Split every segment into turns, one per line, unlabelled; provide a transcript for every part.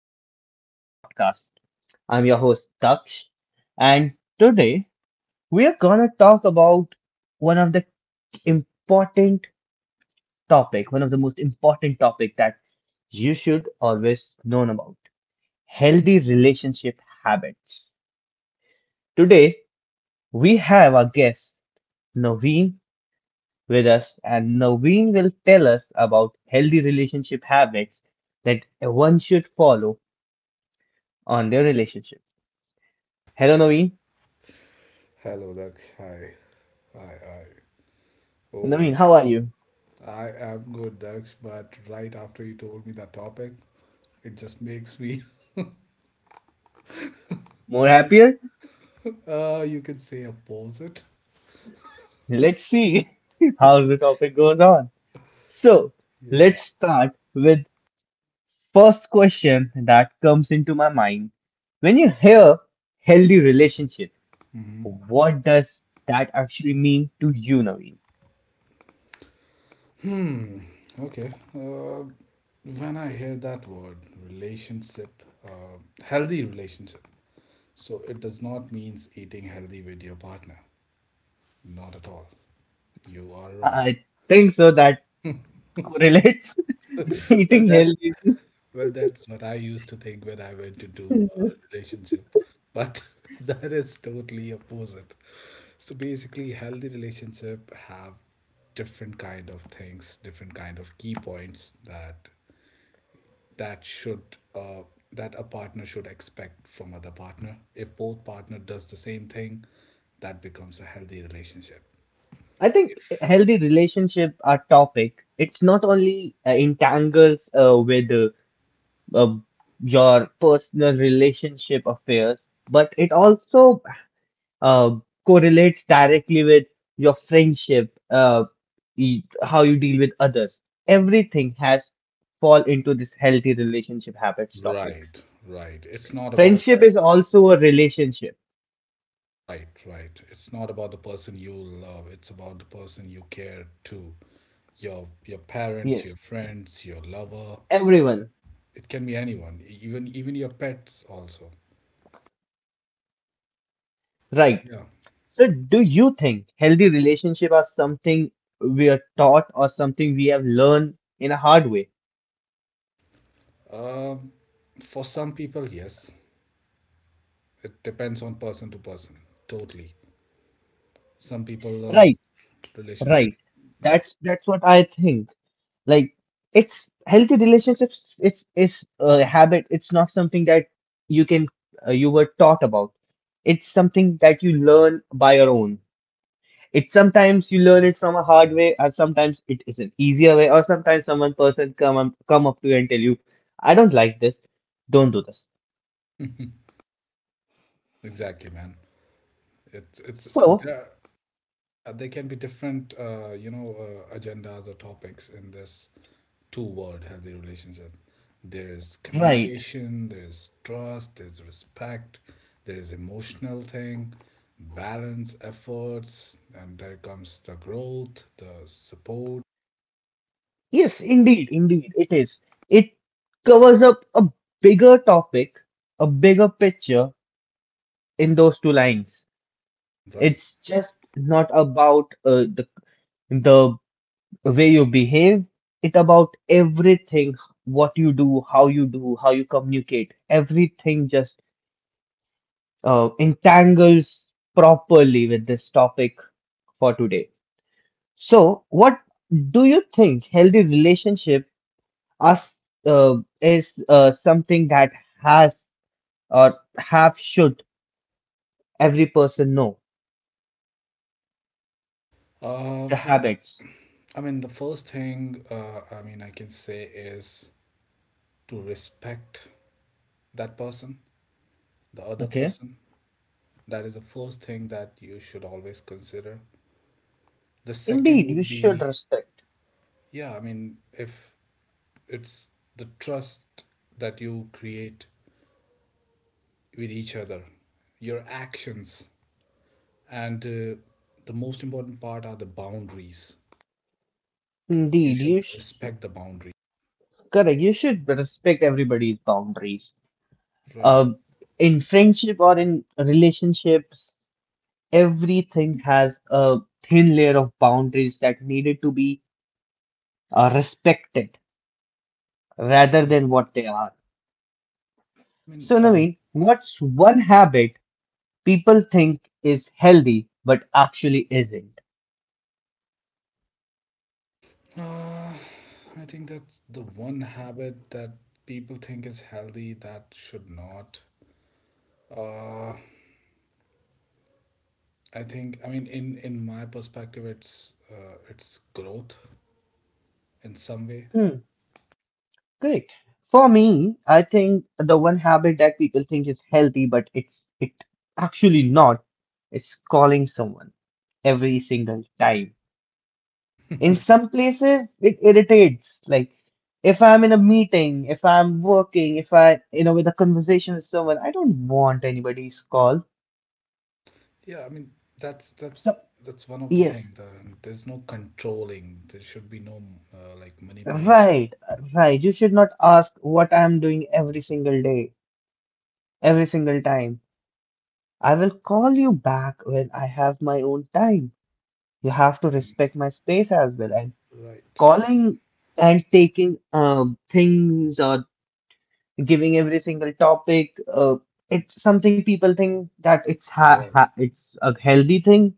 welcome to the podcast. I'm your host Daksh, and today we are gonna talk about one of the important topic, one of the most important topic that you should always know about: healthy relationship habits. Today we have our guest Naveen with us, and Naveen will tell us about healthy relationship habits that one should follow on their relationship. Hello, Naveen.
Hello, Daksh. Hi. Hi, hi. Oh,
Naveen, how are you?
I am good, Daksh, but right after you told me that topic, it just makes me,
More happier?
you can say opposite.
Let's see how the topic goes on. So,
Yeah.
let's start with first question that comes into my mind. When you hear healthy relationship,
Mhm.
what does that actually mean to you, Naveen?
Hmm. Okay. When I hear that word, relationship, healthy relationship, so it does not means eating healthy with your partner. Not at all. You are wrong.
I think so that correlates
Well,
eating
that's
healthy.
well, that's what I used to think when I went into a relationship, but that is totally opposite. So basically, healthy relationship have different kind of things, different kind of key points that should uh, that a partner should expect from other partner. If both partner does the same thing, that becomes a healthy relationship.
I think
If-
healthy relationship are topic. It's not only entangles with uh, your personal relationship affairs, but it also uh, correlates directly with your friendship, how you deal with others. Everything has fall into this healthy relationship habits topics.
Right, right. It's not about
Friendship is also a relationship.
Right, right. It's not about the person you love, it's about the person you care to. Your parents, your
Yes,
friends, your lover.
everyone,
It can be anyone, even your pets also.
right?
Yeah.
So, do you think healthy relationship are something we are taught or something we have learned in a hard way?
Um, for some people, yes. It depends on person to person. Totally. Some people
Right.
learn
Right.
relationship. Yeah.
That's what I think. Like it's healthy relationships. It's a habit. It's not something that you can you were taught about. It's something that you learn by your own. It's sometimes you learn it from a hard way, or sometimes it is an easier way, or sometimes someone person come up to you and tell you, "I don't like this. Don't do this."
Exactly, man. It's
So
there. Yeah, there can be different, agendas or topics in this toward healthy relationship. There is
right.
communication, there is trust, there's respect, there is emotional thing, balance, efforts, and there comes the growth, the support.
Yes, indeed, indeed, it is. It covers up a bigger topic, a bigger picture in those two lines.
Right.
It's just not about the way you behave. It's about everything, what you do, how you do, how you communicate. Everything just entangles properly with this topic for today. So, what do you think healthy relationship as is something that has or have should every person know the
um
habits?
i mean the first thing I mean I can say is to respect that person, the other
Okay.
person. That is the first thing that you should always consider. The second
Indeed, you
would
should
be,
respect.
yeah, I mean, if it's the trust that you create with each other, your actions, and the most important part are the boundaries. You
Indeed,
should
you sh
respect the boundary,
correct. You should respect everybody's boundaries.
right?
Uh, in friendship or in relationships, everything has a thin layer of boundaries that needed to be respected rather
I
than what they are.
mean,
So,
um,
Naveen, what's one habit people think is healthy but actually isn't?
uh, I think that's the one habit that people think is healthy that should not. Uh, I think, I mean, in my perspective, it's growth in some way.
Correct. For me, I think the one habit that people think is healthy, but it's it actually not, it's calling someone every single time. In some places, it irritates. Like if I'm in a meeting, if I'm working, if I, you know, with a conversation with someone, I don't want anybody's call.
Yeah, I mean, that's
So
that's that's one of the thing.
yes,
There's no controlling. There should be no like manipulation,
right, right. You should not ask what I'm doing every single day, every single time. I will call you back when I have my own time. You
right?
have to
And
respect my space as well. And
right.
calling and taking things or giving every single topic, it's something people think that
Yeah.
it's a healthy thing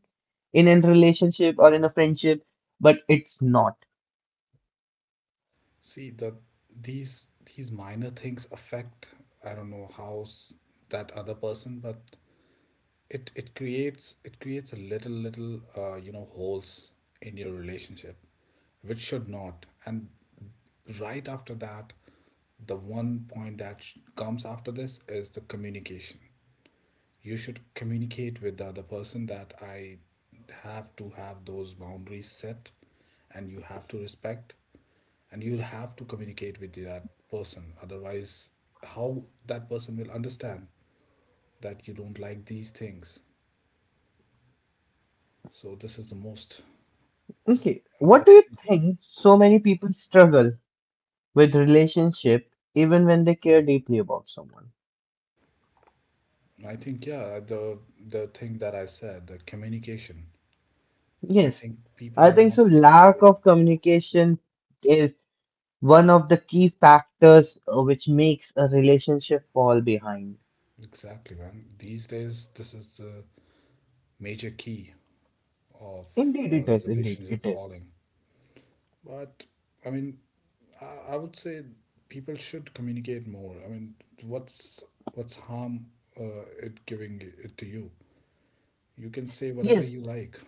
in a relationship or in a friendship, but it's not.
See that these these minor things affect. I don't know that other person, but it creates a little holes in your relationship, which should not. And right after that, the one point that comes after this is the communication. You should communicate with the other person that I have to have those boundaries set, and you have to respect, and you'll have to communicate with that person. Otherwise, how that person will understand that you don't like these things? So this is the most
Okay, what do you
important
think so many people struggle with relationship even when they care deeply about someone?
thing. I think, yeah, the thing that I said, the communication. I
Yes,
think people
I
are
think
not
so. Lack
communicating.
of communication one of the key factors which makes a relationship fall behind.
Exactly, man. These days, this is the major key of
Indeed, it is. Indeed,
relationship
it is.
falling. But I mean, I would say people should communicate more. I mean, what's what's harm it giving it to you? You can say whatever
Yes,
you like.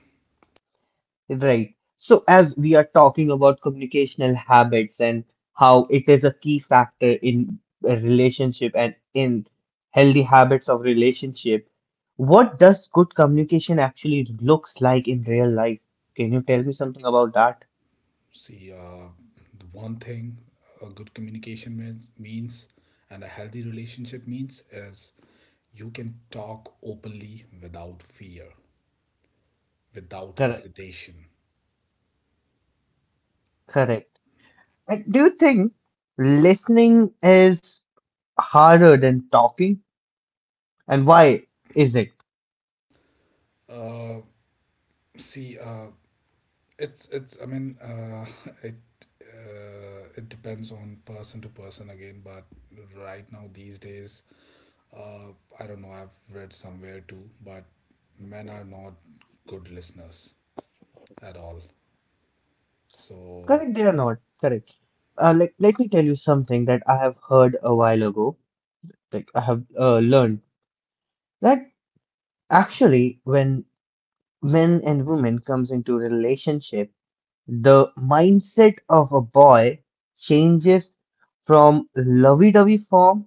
right. So, as we are talking about communicational habits and how it is a key factor in a relationship and in healthy habits of relationship, what does good communication actually looks like in real life? Can you tell me something about that?
See, the one thing a good communication means, and a healthy relationship means, is you can talk openly without fear, without
Correct.
hesitation.
Correct. And do you think listening is harder than talking? And why is it?
Uh, see, It's it's. I mean, it it depends on person to person again. But right now, these days, uh, I don't know. I've read somewhere too, but men are not good listeners at all. So
Correct, they are not. Correct. Like, let me tell you something that I have heard a while ago. Like, I have learned that actually, when men and women comes into a relationship, the mindset of a boy changes from lovey-dovey form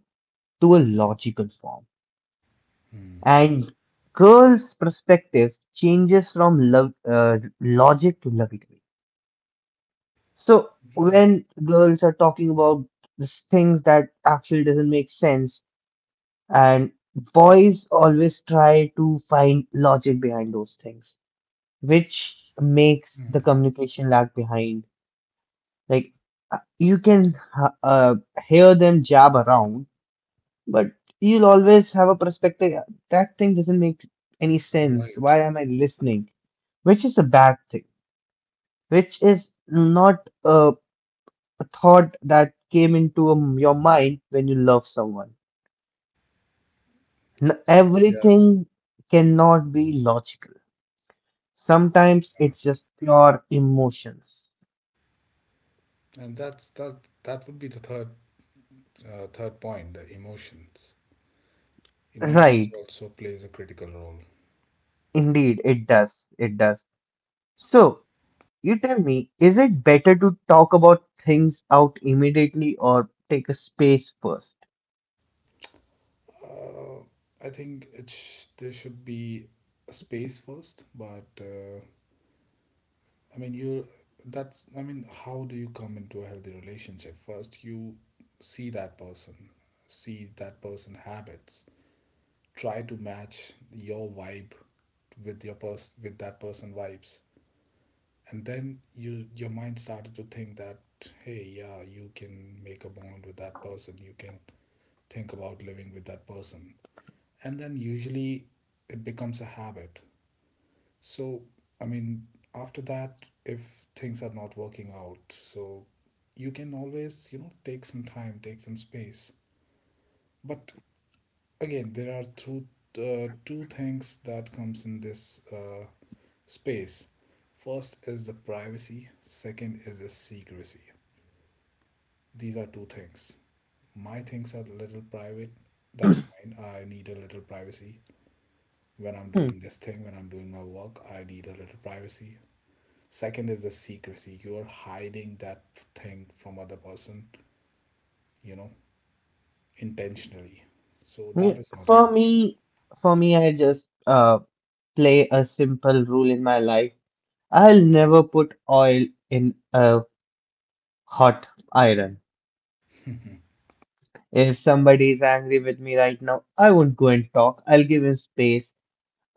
to a logical form, and girl's perspective changes from love, logic to lovey-dovey. So
right,
when girls are talking about this things that actually doesn't make sense, and boys always try to find logic behind those things, which makes the communication lag behind. Like you can hear them jab around, but you'll always have a perspective that thing doesn't make any sense.
right,
Why am I listening? Which is a bad thing. Which is not a thought that came into your mind when you love someone. N-
yeah,
everything cannot be logical. Sometimes it's just pure emotions.
and that's that. That would be the third point. The emotions. Emotions
Right.
also plays a critical role.
Indeed, it does. It does. So, you tell me, is it better to talk about things out immediately or take a space first?
I think there should be a space first, but I mean, you that's I mean, how do you come into a healthy relationship? First, you see that person, see that person habits, try to match your vibe with that person vibes. And then your mind started to think that hey, yeah, you can make a bond with that person. You can think about living with that person. And then usually it becomes a habit. So, I mean, after that, if things are not working out, so you can always, you know, take some time, take some space. But again, there are two, two things that comes in this space. First is the privacy, second is the secrecy. These are two things. My things are a little private. That's fine. I need a little privacy. When I'm
Hmm.
doing this thing, when I'm doing my work, I need a little privacy. Second is the secrecy. You are hiding that thing from other person, you know, intentionally. So
Yeah,
that is not a
for
good.
me, for me, I just play a simple rule in my life. I'll never put oil in a hot iron. If somebody is angry with me right now, I won't go and talk. I'll give him space.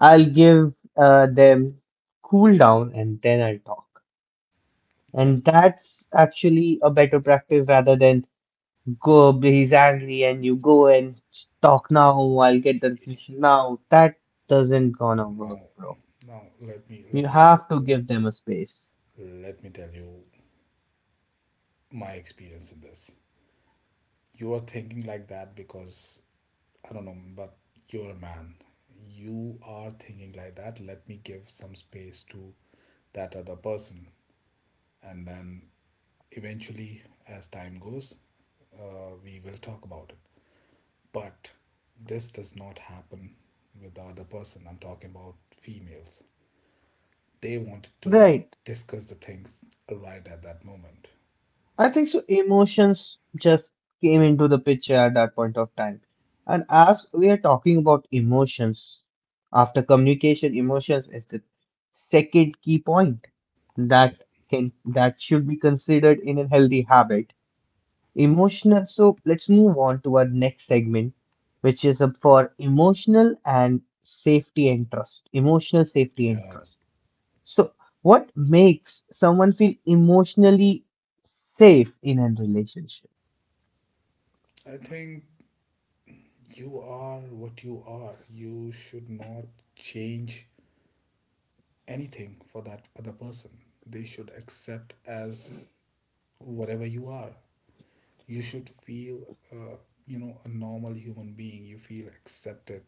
I'll give them cool down and then I'll talk.
Yeah,
And
but
that's actually a better practice rather than go, he's angry and you go and talk now, I'll get the solution now. That doesn't gonna
now,
work, bro.
now
You
let me tell
have to
you
give them a space.
let me tell you my experience in this. You are thinking like that because I don't know, but you're a man. You are thinking like that, let me give some space to that other person, and then eventually as time goes we will talk about. But this does not happen with the other person. I'm talking about females. They wanted to
Right.
discuss the things right at that moment.
I think so. Emotions just came into the picture at that point of time. And as we are talking about emotions, after communication, emotions is the second key point that can that should be considered in a healthy habit. Emotional. So let's move on to our next segment, which is for emotional and safety and trust. Emotional safety and
Yeah.
trust. So, what makes someone feel emotionally safe in a relationship?
I think you are what you are. You should not change anything for that other person. They should accept as whatever you are. You should feel, uh, you know, a normal human being. You feel accepted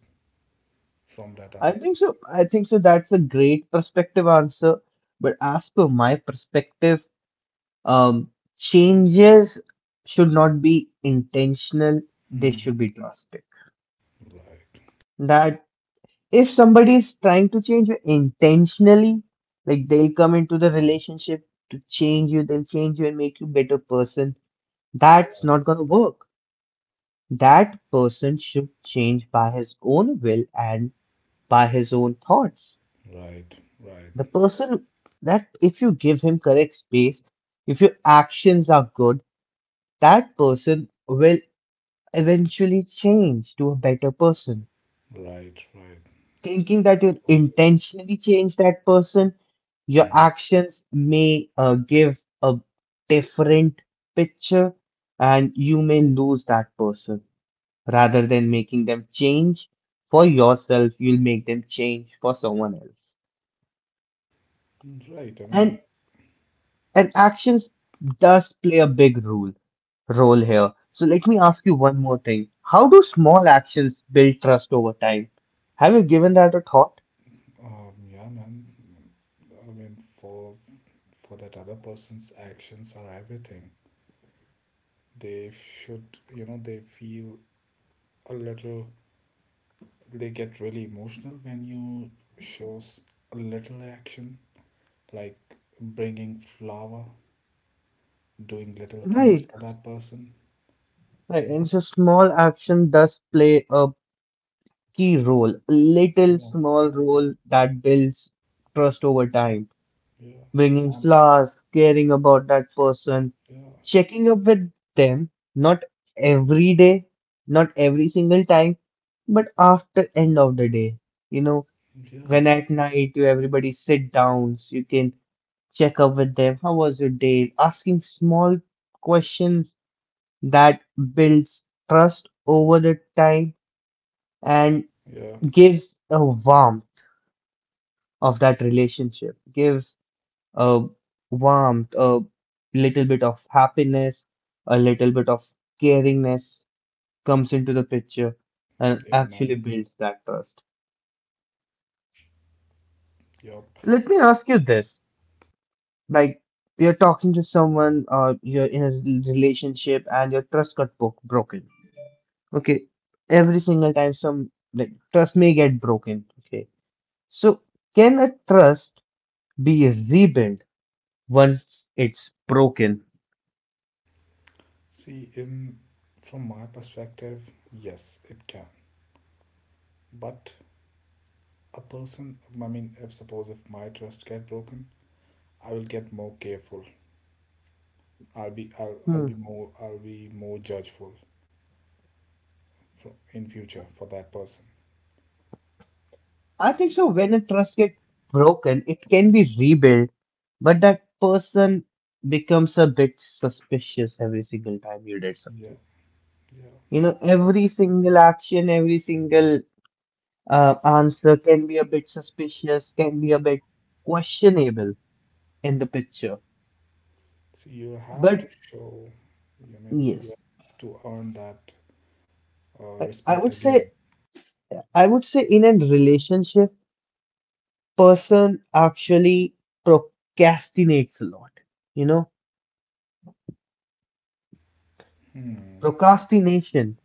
from that
I
other
think
person.
so. I think so. That's a great perspective answer. But as per my perspective, um, changes should not be intentional, they
Mhm.
should be drastic.
Right.
That if somebody is trying to change you intentionally, like they'll come into the relationship to change you, they'll change you and make you a better person, that's
Yeah.
not gonna work. That person should change by his own will and by his own thoughts.
Right, right.
The person that, if you give him correct space, if your actions are good, that person will eventually change to a better person.
Right, right,
Thinking that you
totally right.
intentionally change that person, your
Mhm.
actions may give a different picture and you may lose that person. Rather than making them change for yourself, you'll make them change for someone else,
Right. I mean,
and and actions does play a big role role here. So let me ask you one more thing: how do small actions build trust over time? Have you given that a thought?
yeah, man. I mean, for that other person's actions are everything. They should, you know, they feel a little. They get really emotional when you shows a little action, like bringing flower, doing little things
Right,
for that person.
right. And so small action does play a key role, a little
Yeah,
small role that builds trust over time.
yeah,
Bringing
um,
flowers, caring about that person,
yeah,
checking up with them, not every day, not every single time, but after end of the day. You know,
yeah,
when at night you everybody sit down, so you can check up with them. How was your day? Asking small questions that builds trust over the time and
yeah,
gives a warmth of that relationship, gives a warmth, a little bit of happiness, a little bit of caringness comes into the picture and
yeah,
actually
man.
builds that trust.
Yep.
Let me ask you this. Like, you're talking to someone, you're in a relationship and your trust got bo broken. Okay. Every single time some like trust may get broken. Okay. So can a trust be rebuilt once it's broken?
See, in from my perspective, yes, it can. But a person, I mean, if suppose if my trust get broken, I will get more careful.
Hmm.
I'll be more judgeful in future for that person.
I think so. When a trust gets broken, it can be rebuilt, but that person becomes a bit suspicious every single time you did
Yeah,
something.
yeah,
You know,
exactly.
every single action, every single answer can be a bit suspicious, can be a bit questionable in the picture.
See, you have to
But
show. I mean, you
yes,
have to earn that
I
respect
would
again.
say, I would say in a relationship, person actually procrastinates a lot. You know,
Hmm.
procrastination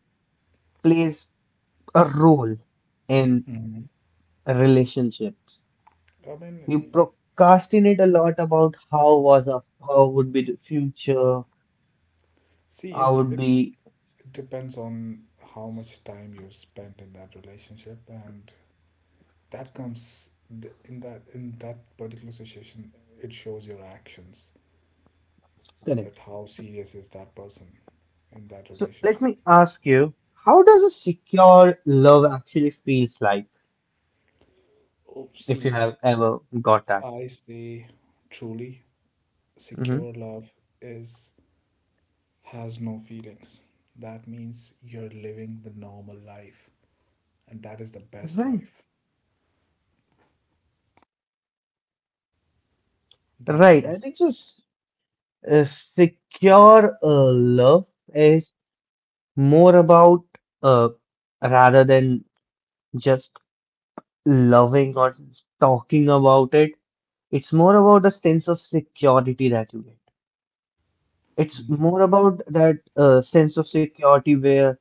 plays a role in relationships.
I
We
mean,
procrastinate a lot about how was our, how would be the future,
see,
how
it,
would
it
be
it depends on how much time you spend in that relationship, and that comes in that particular situation. It shows your actions
correct.
that how serious is that person in that
So let
relationship.
me ask you, how does a secure love actually feels like?
Oh,
If
see,
you have ever
if
got that,
I say truly
hmm,
secure love is has no feelings, that means you're living the normal life, and that is the best
right?
life. That is the
Right. I
best.
think so. S- A secure love is more about uh, rather than just loving or talking about it. It's more about the sense of security that you get. It's
Mm.
more about that sense of security where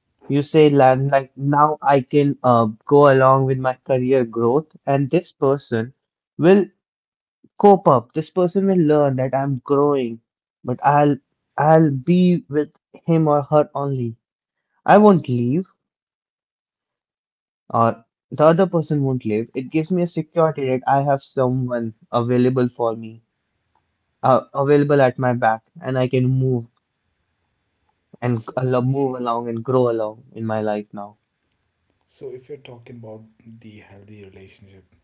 you say, "Land, like now I can go along with my career growth, and this person will cope up. This person will learn that I'm growing, but I'll be with him or her only. I won't leave, or the other person won't leave. It gives me a security that I have someone available for me available at my back and I can move and
so
I love move along and grow along in my life now.
so if you're talking about the healthy relationship,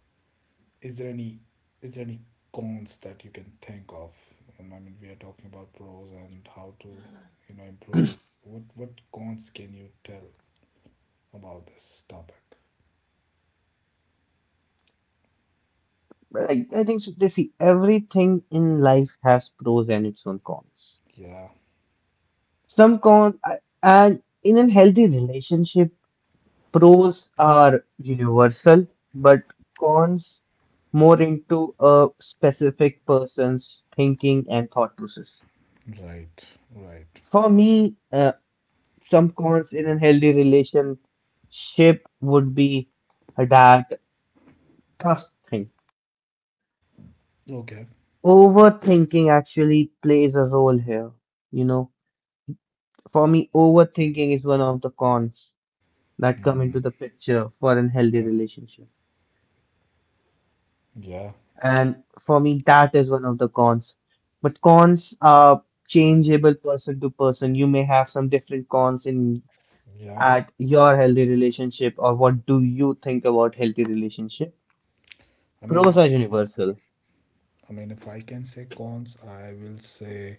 is there any is there any cons that you can think of? And I mean, we are talking about pros and how to improve it. What cons can you tell about this topic?
But I think so, they see everything in life has pros and its own cons.
Yeah,
Some cons, I- and in a healthy relationship, pros are universal, but cons more into a specific person's thinking and thought process.
right, right.
For me, some cons in a healthy relationship would be that trust thing.
Okay.
Overthinking actually plays a role here. You know, for me, overthinking is one of the cons that come into
Mm,
the picture for an healthy relationship.
yeah,
And for me, that is one of the cons. But cons are changeable person to person. You may have some different cons in
yeah.
at your healthy relationship, or what do you think about healthy relationship?
I mean,
Pros are universal.
if I can say cons, I will say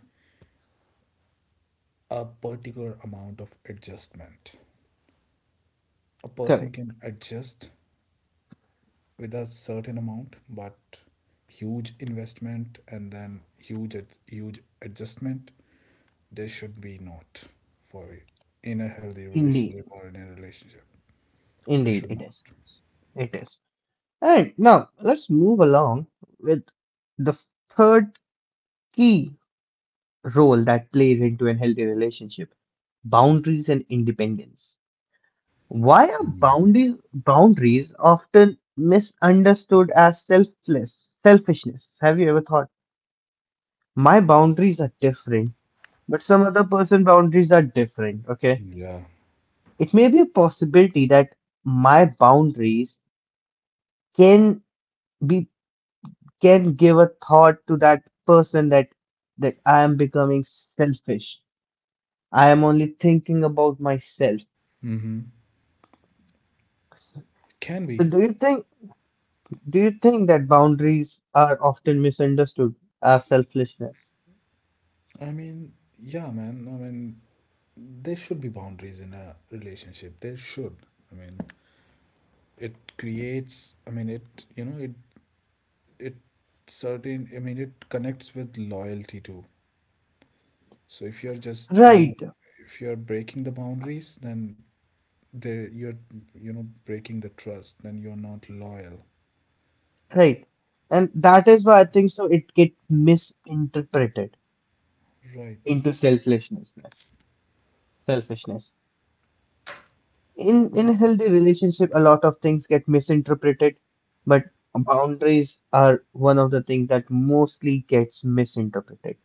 a particular amount of adjustment. A person
Correct.
can adjust with a certain amount, but huge investment and then huge adjustment. There should be not for in a healthy
Indeed.
relationship or in a relationship. It
Indeed,
should
it
not.
is. It is. Alright, now let's move along with the third key role that plays into a healthy relationship, boundaries and independence. Why are
Mm.
boundaries often misunderstood as selfishness? Have you ever thought, my boundaries are different, but some other person boundaries are different, okay?
Yeah.
It may be a possibility that my boundaries can be can give a thought to that person that I am becoming selfish. I am only thinking about myself.
Mm-hmm. Can
So
be.
do you think that boundaries are often misunderstood as selfishness?
I mean, yeah, man. I mean, there should be boundaries in a relationship. There should. I mean, it creates. I mean, it. You know, it. It certain. I mean, it connects with loyalty too. So if you're just,
Right,
if you're breaking the boundaries, then there you're, breaking the trust, then you're not loyal.
right. And that is why I think so it get misinterpreted
Right.
into selfishness. Selfishness. in
Yeah.
in a healthy relationship a lot of things get misinterpreted, but boundaries are one of the things that mostly gets misinterpreted,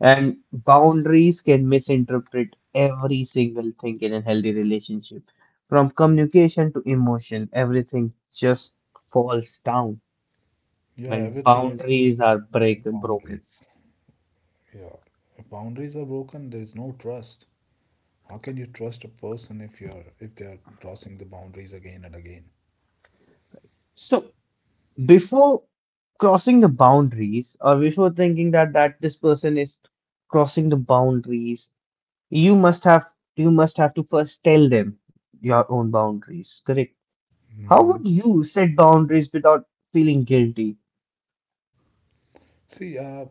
and boundaries can misinterpret every single thing in a healthy relationship. From communication to emotion, everything just falls down
Yeah,
when
everything is
boundaries are
in the
break broken.
boundaries. Yeah. If boundaries are broken, there is no trust. How can you trust a person if they are crossing the boundaries again and again?
So before crossing the boundaries or before thinking that this person is crossing the boundaries, You must have you must have to first tell them your own boundaries, correct? How would
Hmm.
you set boundaries without feeling guilty?
See,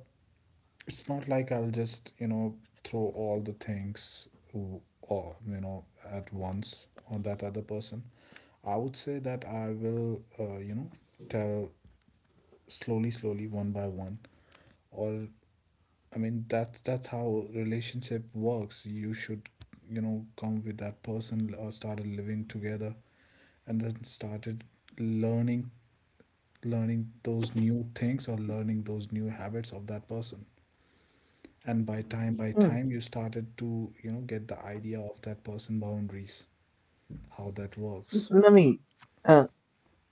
it's not like I'll just, throw all the things or, at once on that other person. I would say that I will, tell slowly, slowly, one by one. Or, I mean, that's how relationship works. You should, come with that person or started living together, and then started learning, learning those new things or learning those new habits of that person, and by time by
Hmm.
time you started to get the idea of that person boundaries, how that works.
I mean, uh,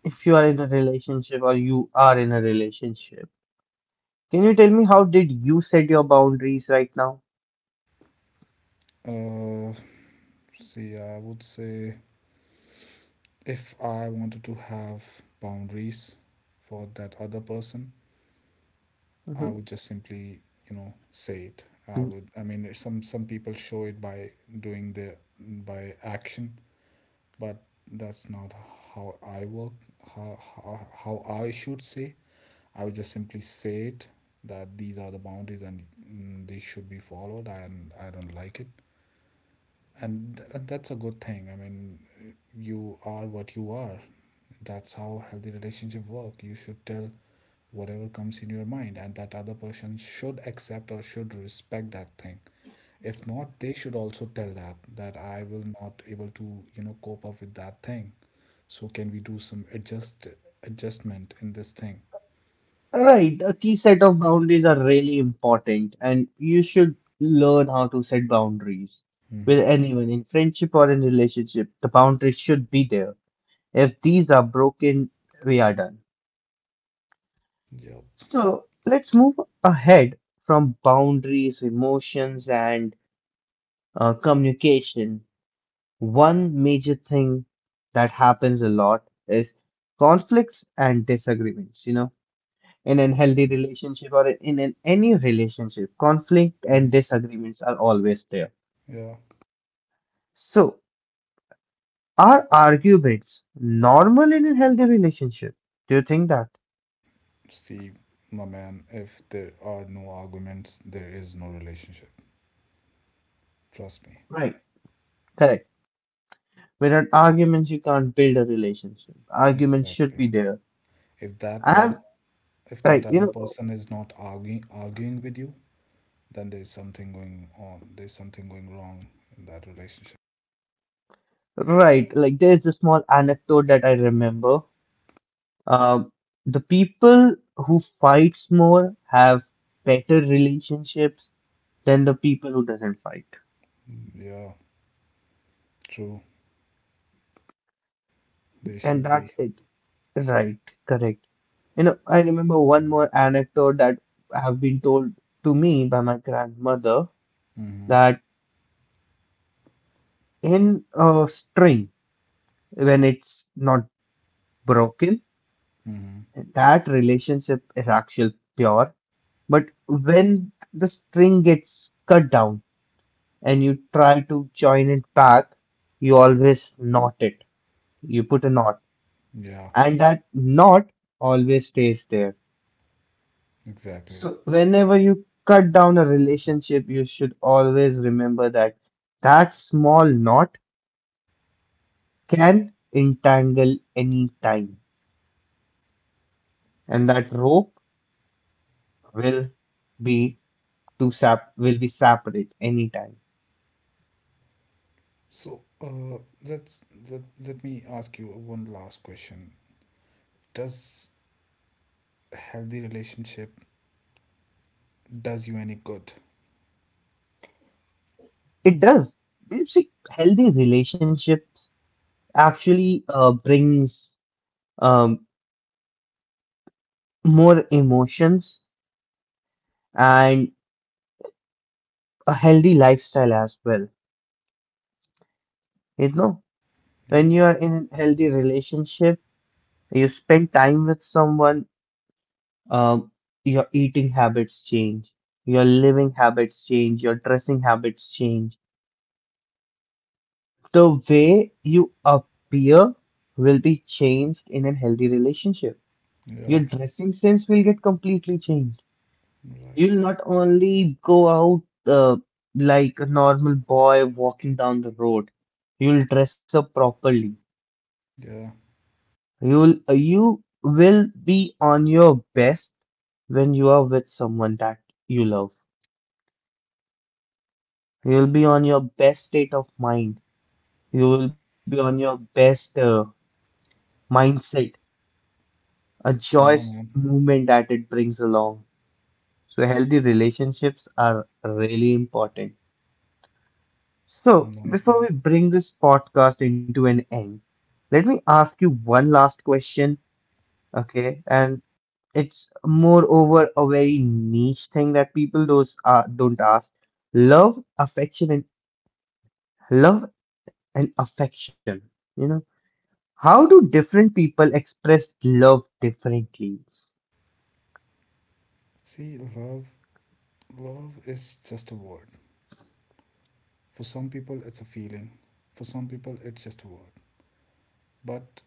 if you are in a relationship or you are in a relationship, can you tell me how did you set your boundaries right now?
uh See, I would say, if I wanted to have boundaries for that other person, I
Mhm.
would just simply say it. I mean, some people show it by doing their by action, but that's not how I work. How I should say. I would just simply say it that these are the boundaries, and, these should be followed, and I don't like it. And that's a good thing. I mean, you are what you are. That's how healthy relationship work. You should tell whatever comes in your mind, and that other person should accept or should respect that thing. If not, they should also tell that I will not able to, cope up with that thing. So, can we do some adjustment in this thing?
Right, a key set of boundaries are really important, and you should learn how to set boundaries with
Mm-hmm.
anyone in friendship or in relationship. The boundaries should be there. If these are broken, we are done.
Yep.
So let's move ahead from boundaries, emotions, and communication. One major thing that happens a lot is conflicts and disagreements. You know, in a healthy relationship or in an, any relationship, conflict and
Hmm.
disagreements are always there.
Yeah.
So, are arguments normal in a healthy relationship? Do you think that?
See, my man, if there are no arguments, there is no relationship. Trust me.
Right. Correct. Without arguments, you can't build a relationship. Arguments should
Exactly.
be there.
If that
I'm
person, if that
like you
other
know,
person is not arguing with you, then there's something going on. There's something going wrong in that relationship.
right? Like there's a small anecdote that I remember. Um, the people who fights more have better relationships than the people who doesn't fight.
Yeah, true. They
And
should
that
be.
it right, correct. You know, I remember one more anecdote that have been told to me by my grandmother,
Mm-hmm.
that in a string when it's not broken,
Mm-hmm.
that relationship is actually pure. But when the string gets cut down and you try to join it back, you always knot it. You put a knot,
Yeah,
and that knot always stays there.
exactly.
So, whenever you cut down a relationship, you should always remember that that small knot can entangle any time, and that rope will be to sap will be separate anytime.
So, that's that, let me ask you one last question. Does healthy relationship does you any good?
It does. You see, healthy relationships actually brings um, more emotions and a healthy lifestyle as well. You know, when you
Yeah,
are in a healthy relationship, you spend time with someone, um, your eating habits change, your living habits change, your dressing habits change. The way you appear will be changed in a healthy relationship.
yeah,
Your dressing sense will get completely changed.
right.
You'll not only go out like a normal boy walking down the road. You'll dress up properly.
Yeah,
You will be on your best when you are with someone that you love. You'll be on your best state of mind. You will be on your best mindset, a
yeah,
joyous
man.
movement that it brings along. So healthy relationships are really important. So,
Nice,
before
man.
we bring this podcast into an end, let me ask you one last question, okay? And it's moreover a very niche thing that people those don't ask. Love, affection, and love and affection. You know, how do different people express love differently?
See, love, love is just a word. For some people, it's a feeling. For some people, it's just a word. But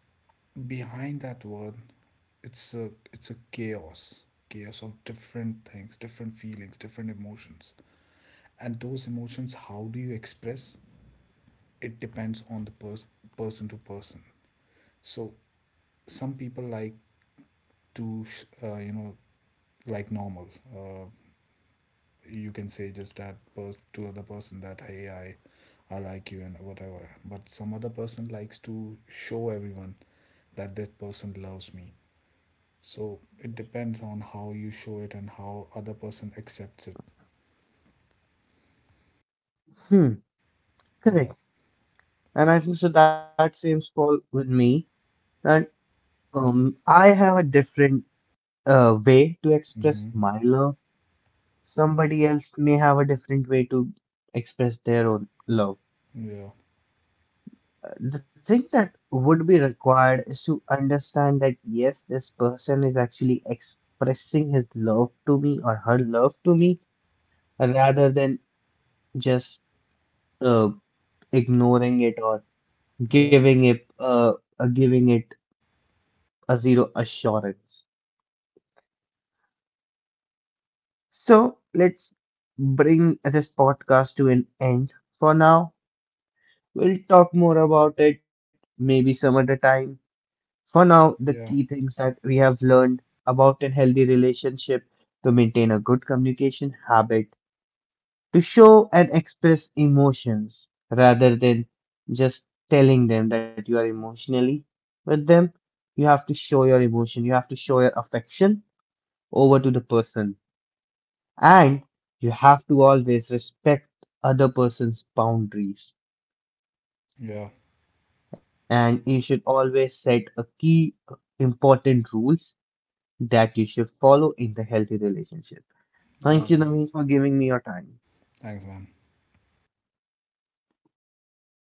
behind that word, it's a chaos, of different things, different feelings, different emotions. And those emotions, how do you express? It depends on the person to person. So some people like to, uh, you know like normal, uh, you can say, just to other person that hey, I like you and whatever. But some other person likes to show everyone that that person loves me. So it depends on how you show it and how other person accepts it.
Hmm, correct.
Yeah.
And I think so that same fall with me. And I have a different way to express
Mm-hmm.
my love. Somebody else may have a different way to express their own love.
Yeah,
The thing that would be required is to understand that yes, this person is actually expressing his love to me or her love to me, rather than just uh, ignoring it or
yeah,
giving it uh, giving it a zero assurance. So let's bring this podcast to an end for now. We'll talk more about it maybe some other time. For now, the
yeah,
key things that we have learned about a healthy relationship: to maintain a good communication habit, to show and express emotions rather than just telling them that you are emotionally with them. You have to show your emotion, you have to show your affection over to the person, and you have to always respect other person's boundaries.
yeah,
And you should always set a key important rules that you should follow in the healthy relationship.
yeah,
Thank you,
man.
Naveen, for giving me your time.
Thanks, man.